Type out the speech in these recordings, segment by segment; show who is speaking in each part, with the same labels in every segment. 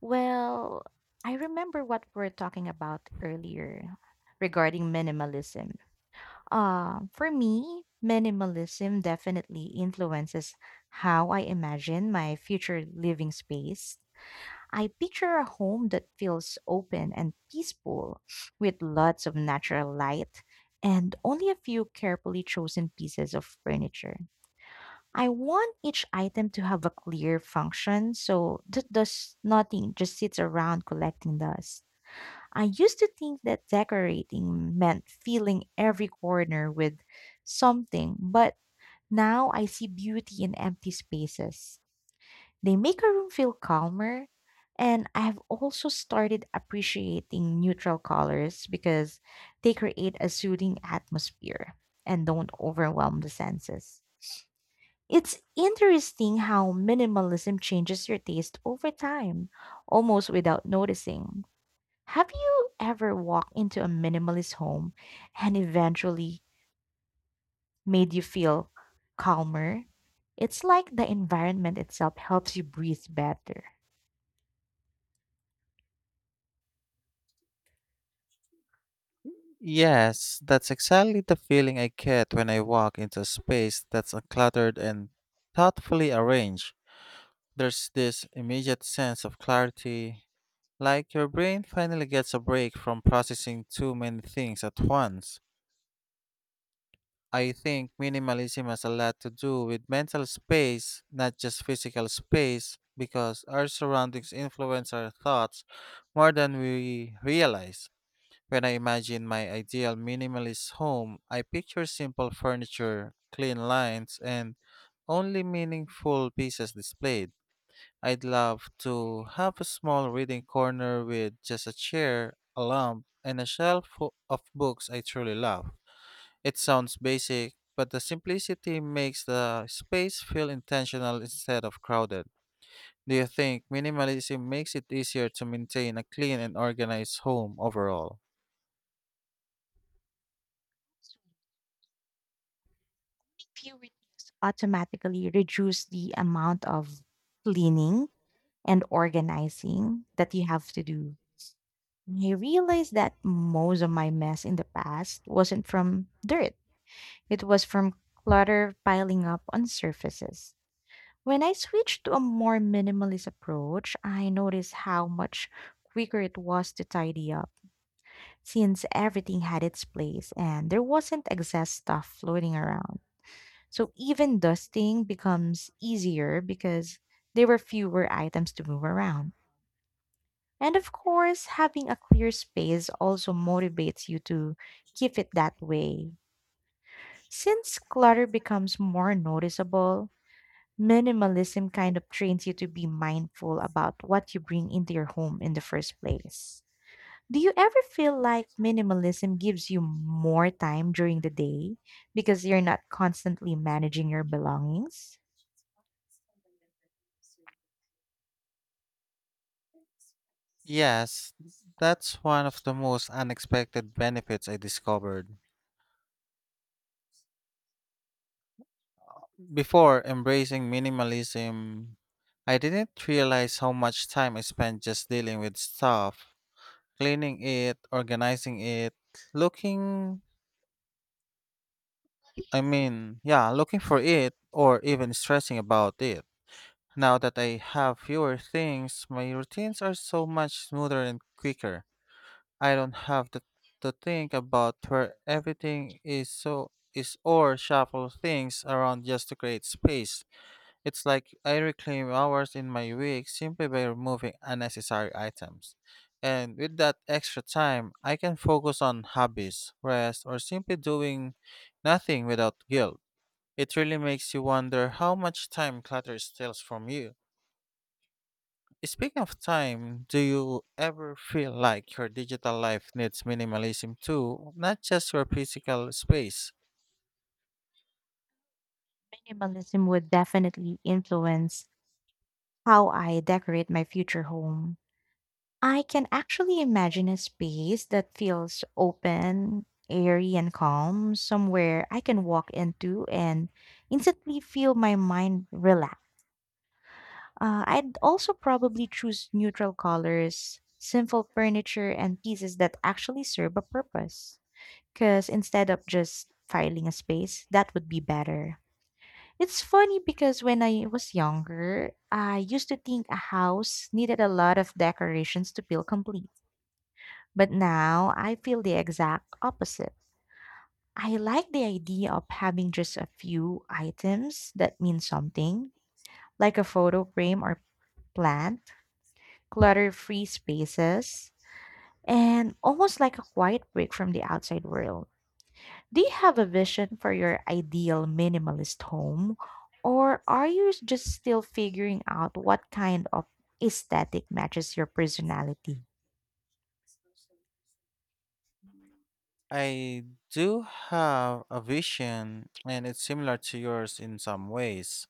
Speaker 1: Well, I remember what we were talking about earlier regarding minimalism. For me, minimalism definitely influences how I imagine my future living space. I picture a home that feels open and peaceful, with lots of natural light and only a few carefully chosen pieces of furniture. I want each item to have a clear function, so does nothing just sits around collecting dust. I used to think that decorating meant filling every corner with something, but now I see beauty in empty spaces. They make a room feel calmer, and I have also started appreciating neutral colors because they create a soothing atmosphere and don't overwhelm the senses. It's interesting how minimalism changes your taste over time, almost without noticing. Have you ever walked into a minimalist home, and eventually made you feel calmer? It's like the environment itself helps you breathe better.
Speaker 2: Yes, that's exactly the feeling I get when I walk into a space that's uncluttered and thoughtfully arranged. There's this immediate sense of clarity, like your brain finally gets a break from processing too many things at once. I think minimalism has a lot to do with mental space, not just physical space, because our surroundings influence our thoughts more than we realize. When I imagine my ideal minimalist home, I picture simple furniture, clean lines, and only meaningful pieces displayed. I'd love to have a small reading corner with just a chair, a lamp, and a shelf full of books I truly love. It sounds basic, but the simplicity makes the space feel intentional instead of crowded. Do you think minimalism makes it easier to maintain a clean and organized home overall?
Speaker 1: Few routines automatically reduce the amount of cleaning and organizing that you have to do. I realized that most of my mess in the past wasn't from dirt. It was from clutter piling up on surfaces. When I switched to a more minimalist approach, I noticed how much quicker it was to tidy up, since everything had its place and there wasn't excess stuff floating around. So even dusting becomes easier because there were fewer items to move around. And of course, having a clear space also motivates you to keep it that way. Since clutter becomes more noticeable, minimalism kind of trains you to be mindful about what you bring into your home in the first place. Do you ever feel like minimalism gives you more time during the day because you're not constantly managing your belongings?
Speaker 2: Yes, that's one of the most unexpected benefits I discovered. Before embracing minimalism, I didn't realize how much time I spent just dealing with stuff, cleaning it, organizing it, looking, I mean, yeah, looking for it, or even stressing about it. Now that I have fewer things, my routines are so much smoother and quicker. I don't have to think about where everything is or shuffle things around just to create space. It's like I reclaim hours in my week simply by removing unnecessary items. And with that extra time, I can focus on hobbies, rest, or simply doing nothing without guilt. It really makes you wonder how much time clutter steals from you. Speaking of time, do you ever feel like your digital life needs minimalism too, not just your physical space?
Speaker 1: Minimalism would definitely influence how I decorate my future home. I can actually imagine a space that feels open, airy, and calm, somewhere I can walk into and instantly feel my mind relax. I'd also probably choose neutral colors, simple furniture, and pieces that actually serve a purpose, because instead of just filing a space, that would be better. It's funny, because when I was younger, I used to think a house needed a lot of decorations to feel complete. But now I feel the exact opposite. I like the idea of having just a few items that mean something, like a photo frame or plant. Clutter free spaces, and almost like a quiet break from the outside world. Do you have a vision for your ideal minimalist home, or are you just still figuring out what kind of aesthetic matches your personality?
Speaker 2: I do have a vision, and it's similar to yours in some ways.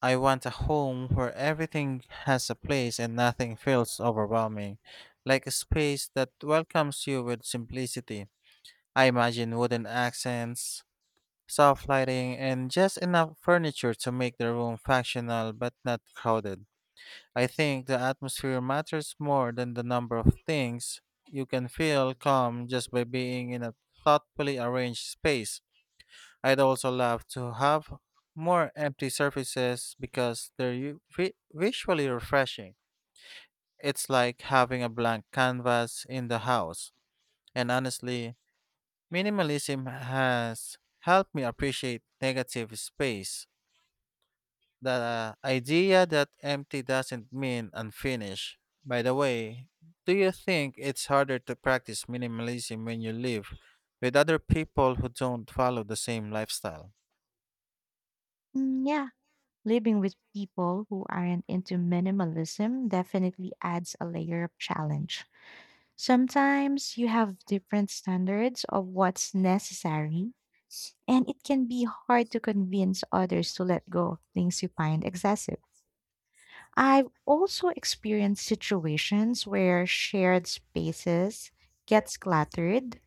Speaker 2: I want a home where everything has a place and nothing feels overwhelming, like a space that welcomes you with simplicity. I imagine wooden accents, soft lighting, and just enough furniture to make the room functional but not crowded. I think the atmosphere matters more than the number of things. You can feel calm just by being in a thoughtfully arranged space. I'd also love to have more empty surfaces because they're visually refreshing. It's like having a blank canvas in the house. And honestly, minimalism has helped me appreciate negative space. The idea that empty doesn't mean unfinished. By the way, do you think it's harder to practice minimalism when you live with other people who don't follow the same lifestyle?
Speaker 1: Mm, yeah, living with people who aren't into minimalism definitely adds a layer of challenge. Sometimes you have different standards of what's necessary, and it can be hard to convince others to let go of things you find excessive. I've also experienced situations where shared spaces gets cluttered,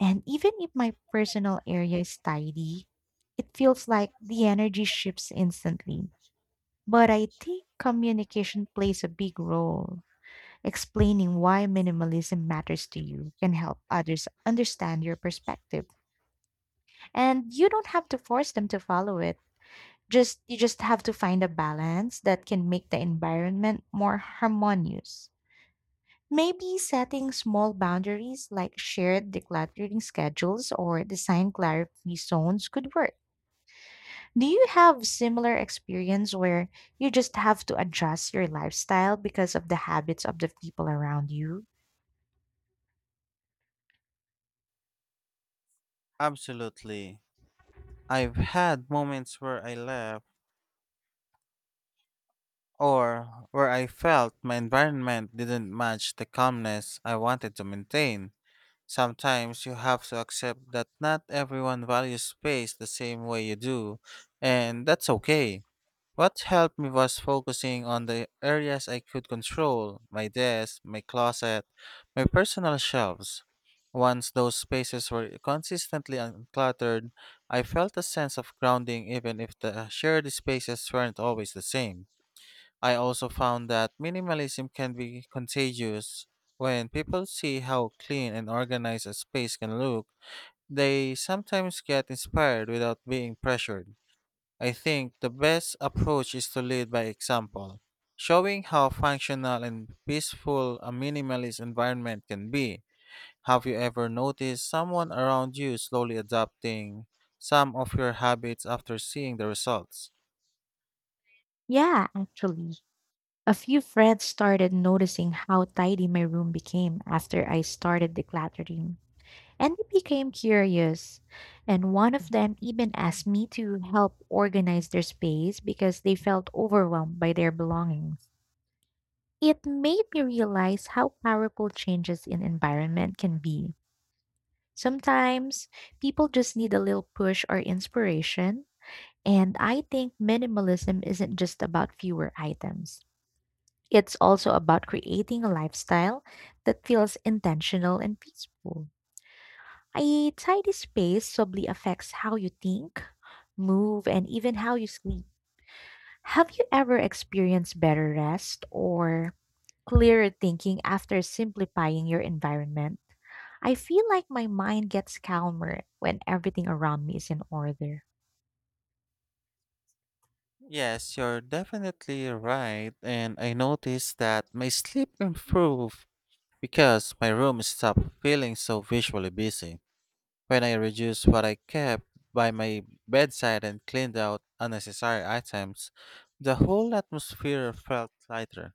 Speaker 1: and even if my personal area is tidy, it feels like the energy shifts instantly. But I think communication plays a big role. Explaining why minimalism matters to you can help others understand your perspective, and you don't have to force them to follow it. Just you just have to find a balance that can make the environment more harmonious. Maybe setting small boundaries like shared decluttering schedules or design clarity zones could work. Do you have similar experience where you just have to adjust your lifestyle because of the habits of the people around you?
Speaker 2: Absolutely. I've had moments where I left or where I felt my environment didn't match the calmness I wanted to maintain. Sometimes you have to accept that not everyone values space the same way you do, and that's okay. What helped me was focusing on the areas I could control: my desk, my closet, my personal shelves. Once those spaces were consistently uncluttered, I felt a sense of grounding even if the shared spaces weren't always the same. I also found that minimalism can be contagious. When people see how clean and organized a space can look, they sometimes get inspired without being pressured. I think the best approach is to lead by example, showing how functional and peaceful a minimalist environment can be. Have you ever noticed someone around you slowly adopting some of your habits after seeing the results?
Speaker 1: Yeah, actually. A few friends started noticing how tidy my room became after I started decluttering, and they became curious. And one of them even asked me to help organize their space because they felt overwhelmed by their belongings. It made me realize how powerful changes in environment can be. Sometimes people just need a little push or inspiration. And I think minimalism isn't just about fewer items. It's also about creating a lifestyle that feels intentional and peaceful. A tidy space subtly affects how you think, move, and even how you sleep. Have you ever experienced better rest or clearer thinking after simplifying your environment? I feel like my mind gets calmer when everything around me is in order.
Speaker 2: Yes, you're definitely right. And I noticed that my sleep improved because my room stopped feeling so visually busy. When I reduced what I kept by my bedside and cleaned out unnecessary items, the whole atmosphere felt lighter.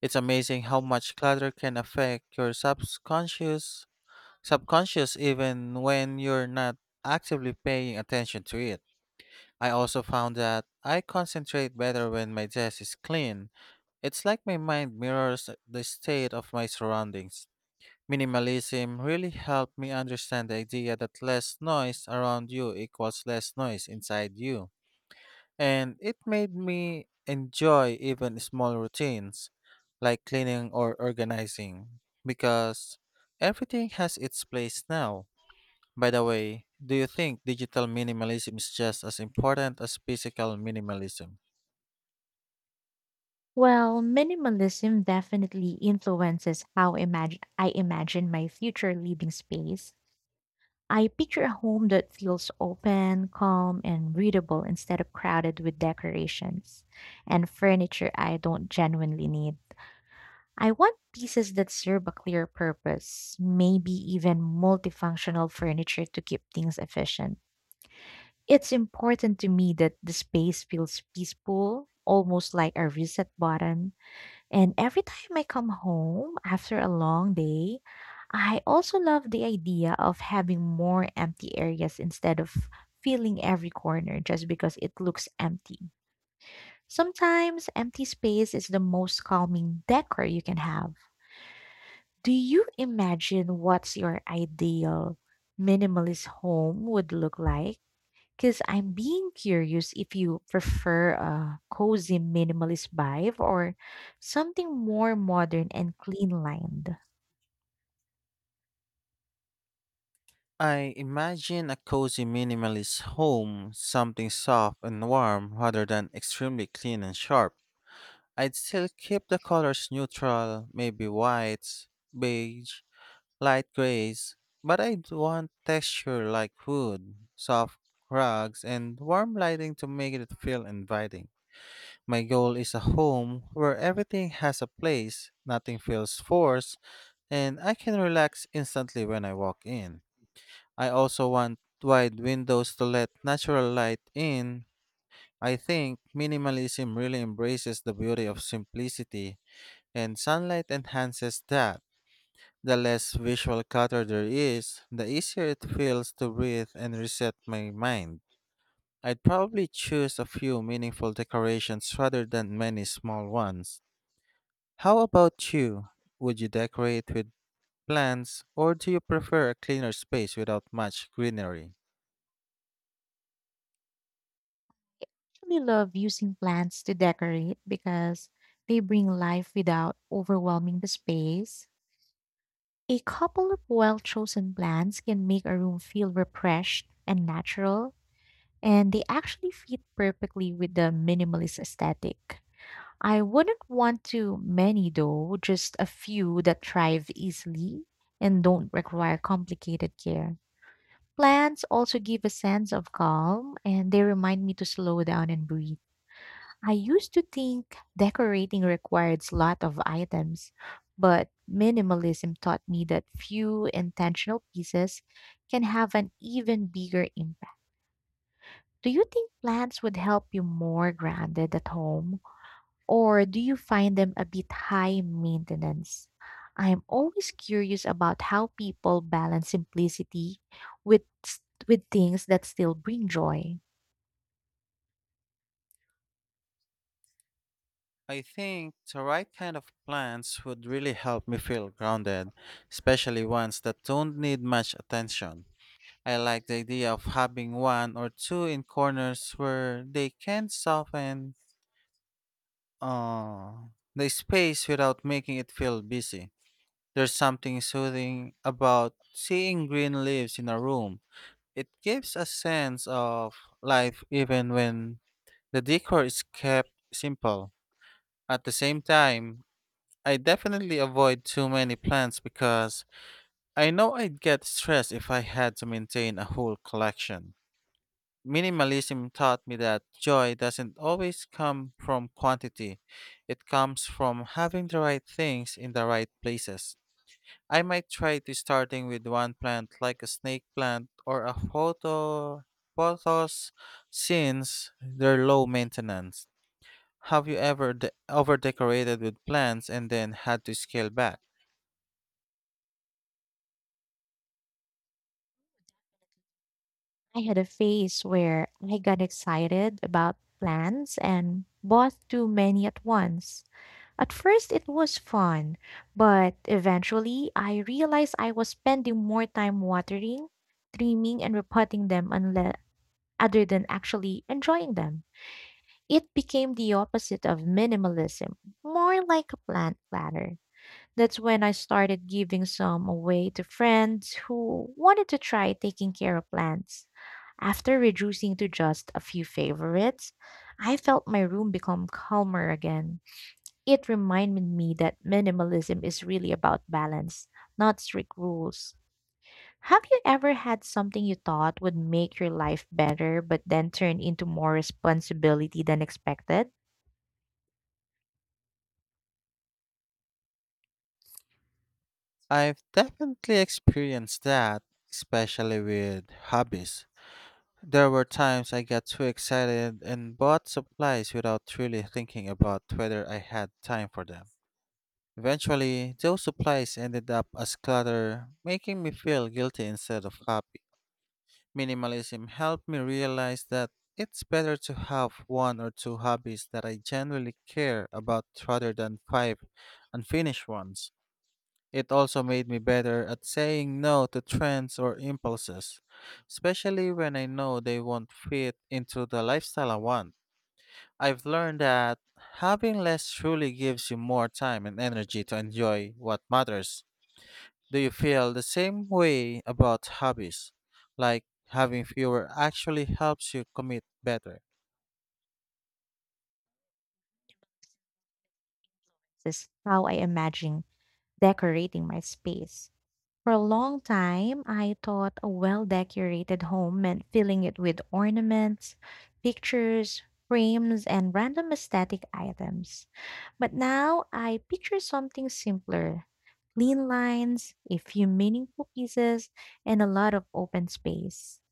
Speaker 2: It's amazing how much clutter can affect your subconscious even when you're not actively paying attention to it. I also found that I concentrate better when my desk is clean. It's like my mind mirrors the state of my surroundings. Minimalism really helped me understand the idea that less noise around you equals less noise inside you. And it made me enjoy even small routines like cleaning or organizing because everything has its place now. By the way, do you think digital minimalism is just as important as physical minimalism?
Speaker 1: Well, minimalism definitely influences how imagine I imagine my future living space. I picture a home that feels open, calm, and readable, instead of crowded with decorations and furniture I don't genuinely need. I want pieces that serve a clear purpose, maybe even multifunctional furniture to keep things efficient. It's important to me that the space feels peaceful, almost like a reset button, and every time I come home after a long day, I also love the idea of having more empty areas instead of filling every corner just because it looks empty. Sometimes empty space is the most calming decor you can have. Do you imagine what's your ideal minimalist home would look like? Because I'm being curious if you prefer a cozy minimalist vibe or something more modern and clean lined. I
Speaker 2: I imagine a cozy minimalist home, something soft and warm rather than extremely clean and sharp. I'd still keep the colors neutral, maybe whites, beige, light grays, but I'd want texture like wood, soft rugs, and warm lighting to make it feel inviting. My goal is a home where everything has a place, nothing feels forced, and I can relax instantly when I walk in. I also want wide windows to let natural light in. I think minimalism really embraces the beauty of simplicity, and sunlight enhances that. The less visual clutter there is, the easier it feels to breathe and reset my mind. I'd probably choose a few meaningful decorations rather than many small ones. How about you? Would you decorate with plants or do you prefer a cleaner space without much greenery?
Speaker 1: actually love using plants to decorate because they bring life without overwhelming the space. A couple of well chosen plants can make a room feel refreshed and natural, and they actually fit perfectly with the minimalist aesthetic. I wouldn't want too many though, just a few that thrive easily and don't require complicated care. Plants also give a sense of calm, and they remind me to slow down and breathe. I used to think decorating required a lot of items, but minimalism taught me that few intentional pieces can have an even bigger impact. Do you think plants would help you more grounded at home? Or do you find them a bit high maintenance? I'm always curious about how people balance simplicity with with things that still bring joy.
Speaker 2: I think the right kind of plants would really help me feel grounded, especially ones that don't need much attention. I like the idea of having one or two in corners where they can soften uh, the space without making it feel busy. There's something soothing about seeing green leaves in a room. It gives a sense of life even when the decor is kept simple. At the same time, I definitely avoid too many plants because I know I'd get stressed if I had to maintain a whole collection. Minimalism taught me that joy doesn't always come from quantity, it comes from having the right things in the right places. I might try to starting with one plant like a snake plant or a photos since they're low maintenance. Have you ever over decorated with plants and then had to scale back?
Speaker 1: I had a phase where I got excited about plans and bought too many at once. At first it was fun, but eventually I realized I was spending more time watering, trimming and repotting them, unless other than actually enjoying them. It became the opposite of minimalism, more like a plant platter. That's when I started giving some away to friends who wanted to try taking care of plants. After reducing to just a few favorites, I felt my room become calmer again. It reminded me that minimalism is really about balance, not strict rules. Have you ever had something you thought would make your life better but then turned into more responsibility than expected?
Speaker 2: I've definitely experienced that, especially with hobbies. There were times I got too excited and bought supplies without really thinking about whether I had time for them. Eventually, those supplies ended up as clutter, making me feel guilty instead of happy. Minimalism helped me realize that it's better to have one or two hobbies that I genuinely care about rather than five unfinished ones. It also made me better at saying no to trends or impulses, especially when I know they won't fit into the lifestyle I want. I've learned that having less truly gives you more time and energy to enjoy what matters. Do you feel the same way about hobbies? Like having fewer actually helps you commit better?
Speaker 1: Influences how I imagine decorating my space. For a long time, I thought a well decorated home meant filling it with ornaments, pictures, frames, and random aesthetic items. But now I picture something simpler: clean lines, a few meaningful pieces, and a lot of open space.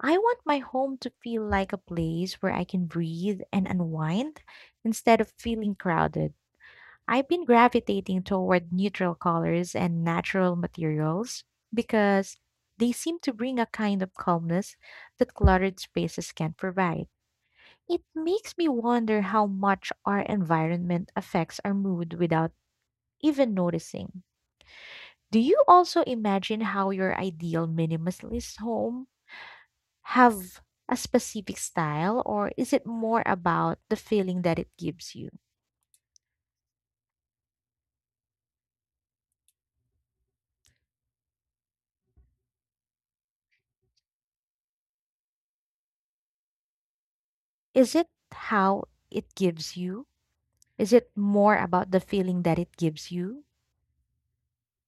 Speaker 1: I want my home to feel like a place where I can breathe and unwind instead of feeling crowded. I've been gravitating toward neutral colors and natural materials because they seem to bring a kind of calmness that cluttered spaces can't provide. It makes me wonder how much our environment affects our mood without even noticing. Do you also imagine how your ideal minimalist home have a specific style, or is it more about the feeling that it gives you? Is it how it gives you? Is it more about the feeling that it gives you?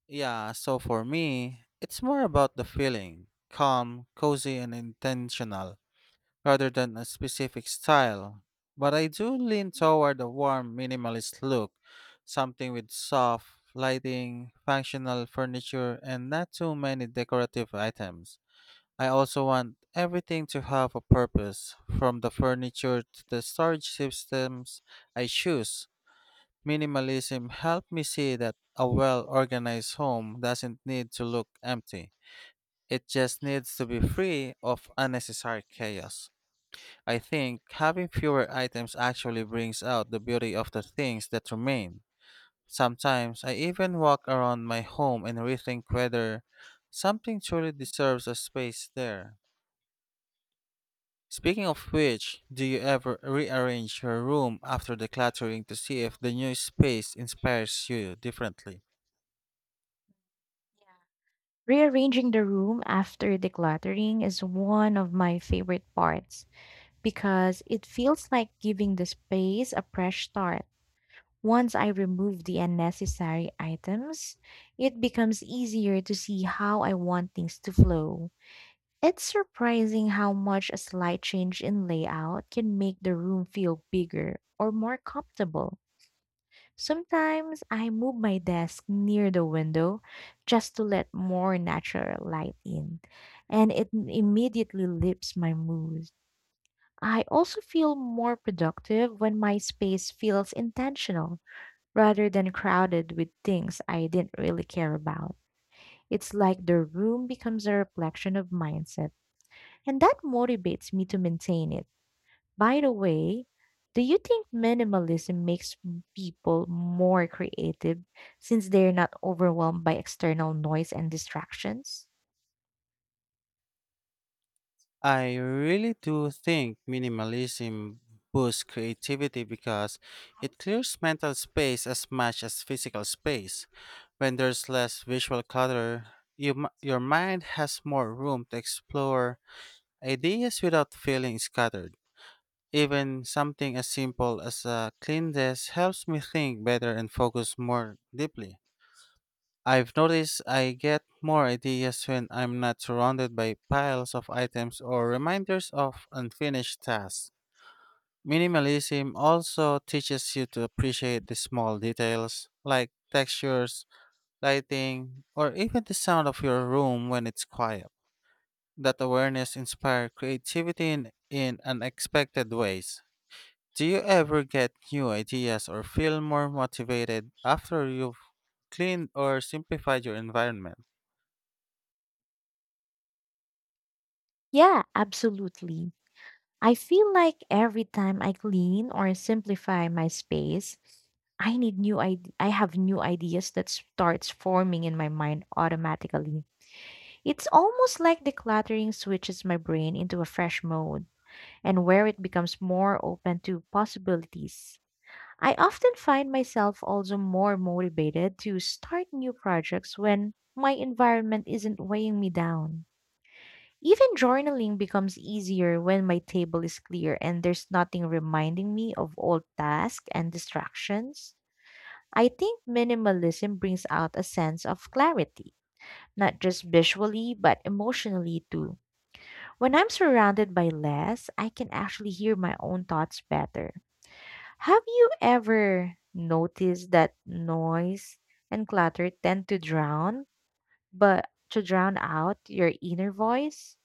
Speaker 2: Yeah, so for me, it's more about the feeling calm, cozy, and intentional, rather than a specific style, but I do lean toward a warm minimalist look, something with soft lighting, functional furniture, and not too many decorative items. I also want everything to have a purpose, from the furniture to the storage systems I choose. Minimalism helped me see that a well organized home doesn't need to look empty. It just needs to be free of unnecessary chaos. I think having fewer items actually brings out the beauty of the things that remain. Sometimes I even walk around my home and rethink whether something truly deserves a space there. Speaking of which, do you ever rearrange your room after decluttering to see if the new space inspires you differently?
Speaker 1: Yeah. Rearranging the room after decluttering is one of my favorite parts, because it feels like giving the space a fresh start. Once I remove the unnecessary items, it becomes easier to see how I want things to flow. It's surprising how much a slight change in layout can make the room feel bigger or more comfortable. Sometimes I move my desk near the window just to let more natural light in, and it immediately lifts my mood. I also feel more productive when my space feels intentional rather than crowded with things I didn't really care about. It's like the room becomes a reflection of mindset, and that motivates me to maintain it. By the way, do you think minimalism makes people more creative, since they're not overwhelmed by external noise and distractions?
Speaker 2: I really do think minimalism boosts creativity because it clears mental space as much as physical space. When there's less visual clutter, your mind has more room to explore ideas without feeling scattered. Even something as simple as a clean desk helps me think better and focus more deeply. I've noticed I get more ideas when I'm not surrounded by piles of items or reminders of unfinished tasks. Minimalism also teaches you to appreciate the small details like textures, lighting, or even the sound of your room when it's quiet. That awareness inspires creativity in unexpected ways. Do you ever get new ideas or feel more motivated after you've cleaned or simplified your environment?
Speaker 1: Yeah, absolutely. I feel like every time I clean or simplify my space, I have new ideas that starts forming in my mind automatically. It's almost like decluttering switches my brain into a fresh mode, and where it becomes more open to possibilities. I often find myself also more motivated to start new projects when my environment isn't weighing me down. Even journaling becomes easier when my table is clear and there's nothing reminding me of old tasks and distractions. I think minimalism brings out a sense of clarity, not just visually, but emotionally too. When I'm surrounded by less, I can actually hear my own thoughts better. Have you ever noticed that noise and clutter tend to drown, but to drown out your inner voice?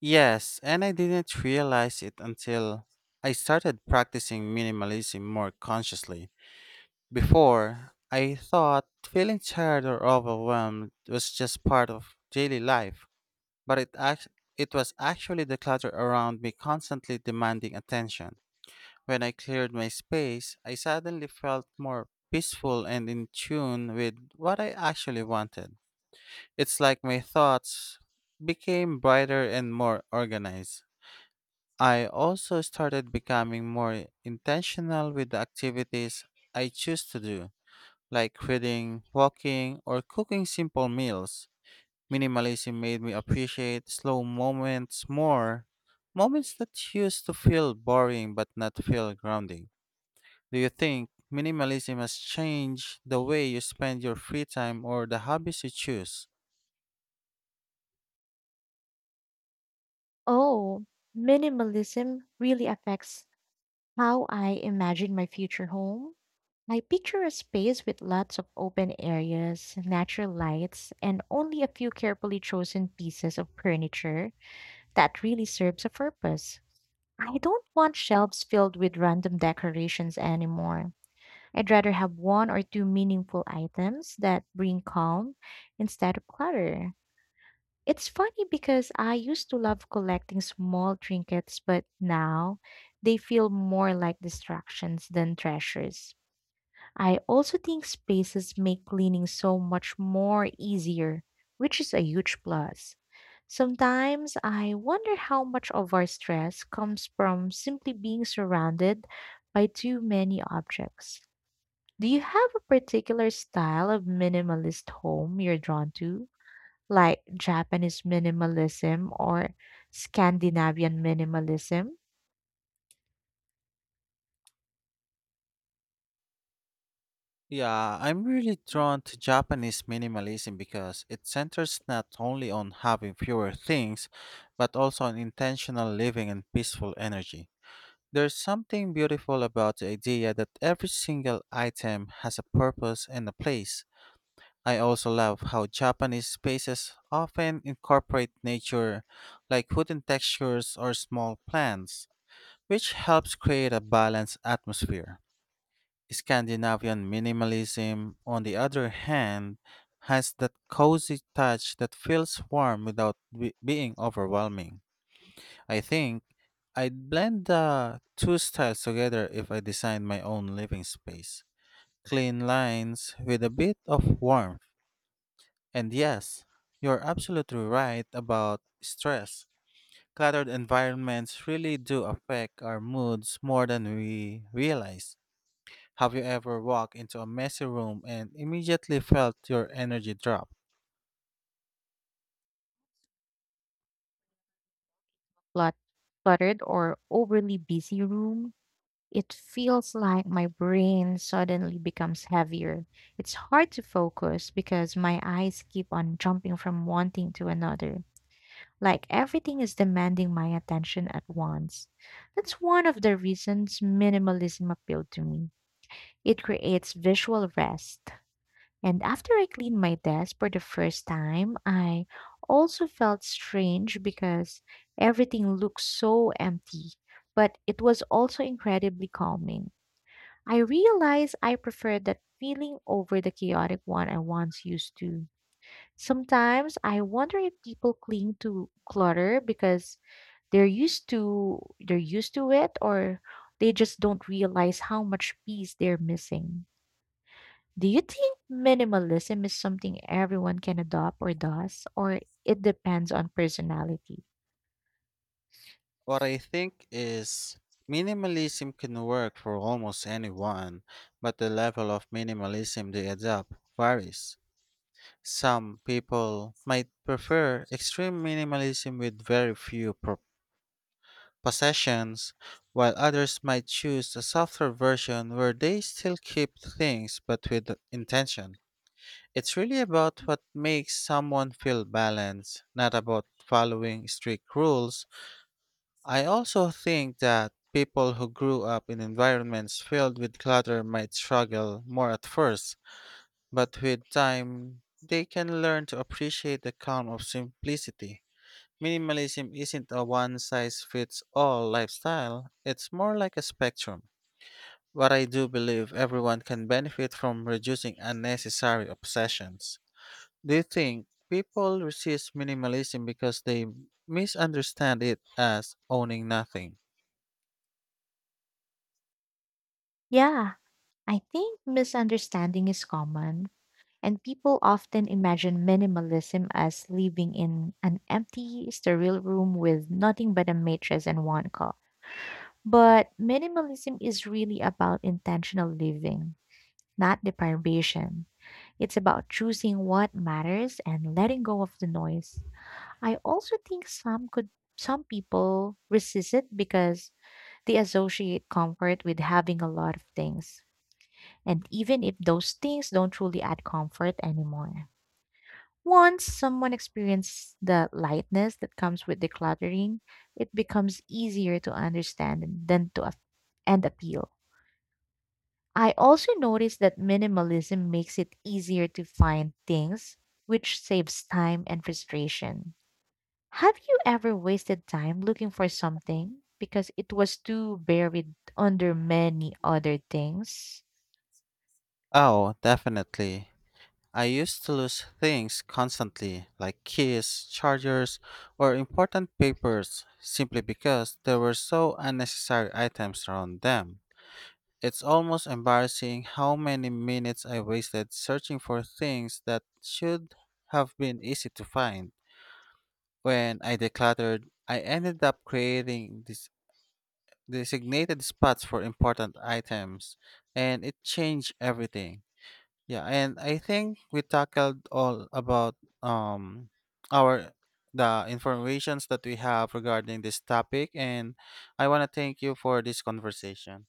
Speaker 2: Yes, and I didn't realize it until I started practicing minimalism more consciously. Before, I thought feeling tired or overwhelmed was just part of daily life, but it was actually the clutter around me constantly demanding attention. When I cleared my space, I suddenly felt more peaceful and in tune with what I actually wanted. It's like my thoughts became brighter and more organized. I also started becoming more intentional with the activities I choose to do, like reading, walking, or cooking simple meals. Minimalism made me appreciate slow moments more, moments that used to feel boring but not feel grounding. Do you think minimalism has changed the way you spend your free time or the hobbies you choose?
Speaker 1: Oh, minimalism really affects how I imagine my future home. I picture a space with lots of open areas, natural lights, and only a few carefully chosen pieces of furniture that really serves a purpose. I don't want shelves filled with random decorations anymore. I'd rather have one or two meaningful items that bring calm instead of clutter. It's funny because I used to love collecting small trinkets, but now they feel more like distractions than treasures. I also think spaces make cleaning so much more easier, which is a huge plus. Sometimes I wonder how much of our stress comes from simply being surrounded by too many objects. Do you have a particular style of minimalist home you're drawn to, like Japanese minimalism or Scandinavian minimalism?
Speaker 2: Yeah, I'm really drawn to Japanese minimalism because it centers not only on having fewer things, but also on intentional living and peaceful energy. There's something beautiful about the idea that every single item has a purpose and a place. I also love how Japanese spaces often incorporate nature, like wooden textures or small plants, which helps create a balanced atmosphere. Scandinavian minimalism, on the other hand, has that cozy touch that feels warm without being overwhelming. I think I'd blend the two styles together if I designed my own living space. Clean lines with a bit of warmth, and yes, you're absolutely right about stress. Cluttered environments really do affect our moods more than we realize. Have you ever walked into a messy room and immediately felt your energy drop?
Speaker 1: Clut- Cluttered or overly busy room? It feels like my brain suddenly becomes heavier. It's hard to focus because my eyes keep on jumping from one thing to another, like everything is demanding my attention at once. That's one of the reasons minimalism appealed to me. It creates visual rest. And after I cleaned my desk for the first time, I also felt strange because everything looked so empty, but it was also incredibly calming. I realized I preferred that feeling over the chaotic one I once used to. Sometimes I wonder if people cling to clutter because they're used to it, or they just don't realize how much peace they're missing. Do you think minimalism is something everyone can adopt, or does, or it depends on personality?
Speaker 2: What I think is, minimalism can work for almost anyone, but the level of minimalism they adopt varies. Some people might prefer extreme minimalism with very possessions, while others might choose a softer version where they still keep things but with intention. It's really about what makes someone feel balanced, not about following strict rules. I also think that people who grew up in environments filled with clutter might struggle more at first, but with time, they can learn to appreciate the calm of simplicity. Minimalism isn't a one size fits all lifestyle, it's more like a spectrum. But I do believe everyone can benefit from reducing unnecessary obsessions. Do you think people resist minimalism because they misunderstand it as owning nothing?
Speaker 1: Yeah, I think misunderstanding is common, and people often imagine minimalism as living in an empty, sterile room with nothing but a mattress and one cup. But minimalism is really about intentional living, not deprivation. It's about choosing what matters and letting go of the noise. I also think some people resist it because they associate comfort with having a lot of things. And even if those things don't truly add comfort anymore. Once someone experiences the lightness that comes with decluttering, it becomes easier to understand than to ap- and appeal. I also noticed that minimalism makes it easier to find things, which saves time and frustration. Have you ever wasted time looking for something because it was too buried under many other things?
Speaker 2: Oh, definitely. I used to lose things constantly, like keys, chargers, or important papers, simply because there were so unnecessary items around them. It's almost embarrassing how many minutes I wasted searching for things that should have been easy to find. When I decluttered, I ended up creating this designated spots for important items, and it changed everything. Yeah, and I think we tackled all about um our the informations that we have regarding this topic, and I want to thank you for this conversation.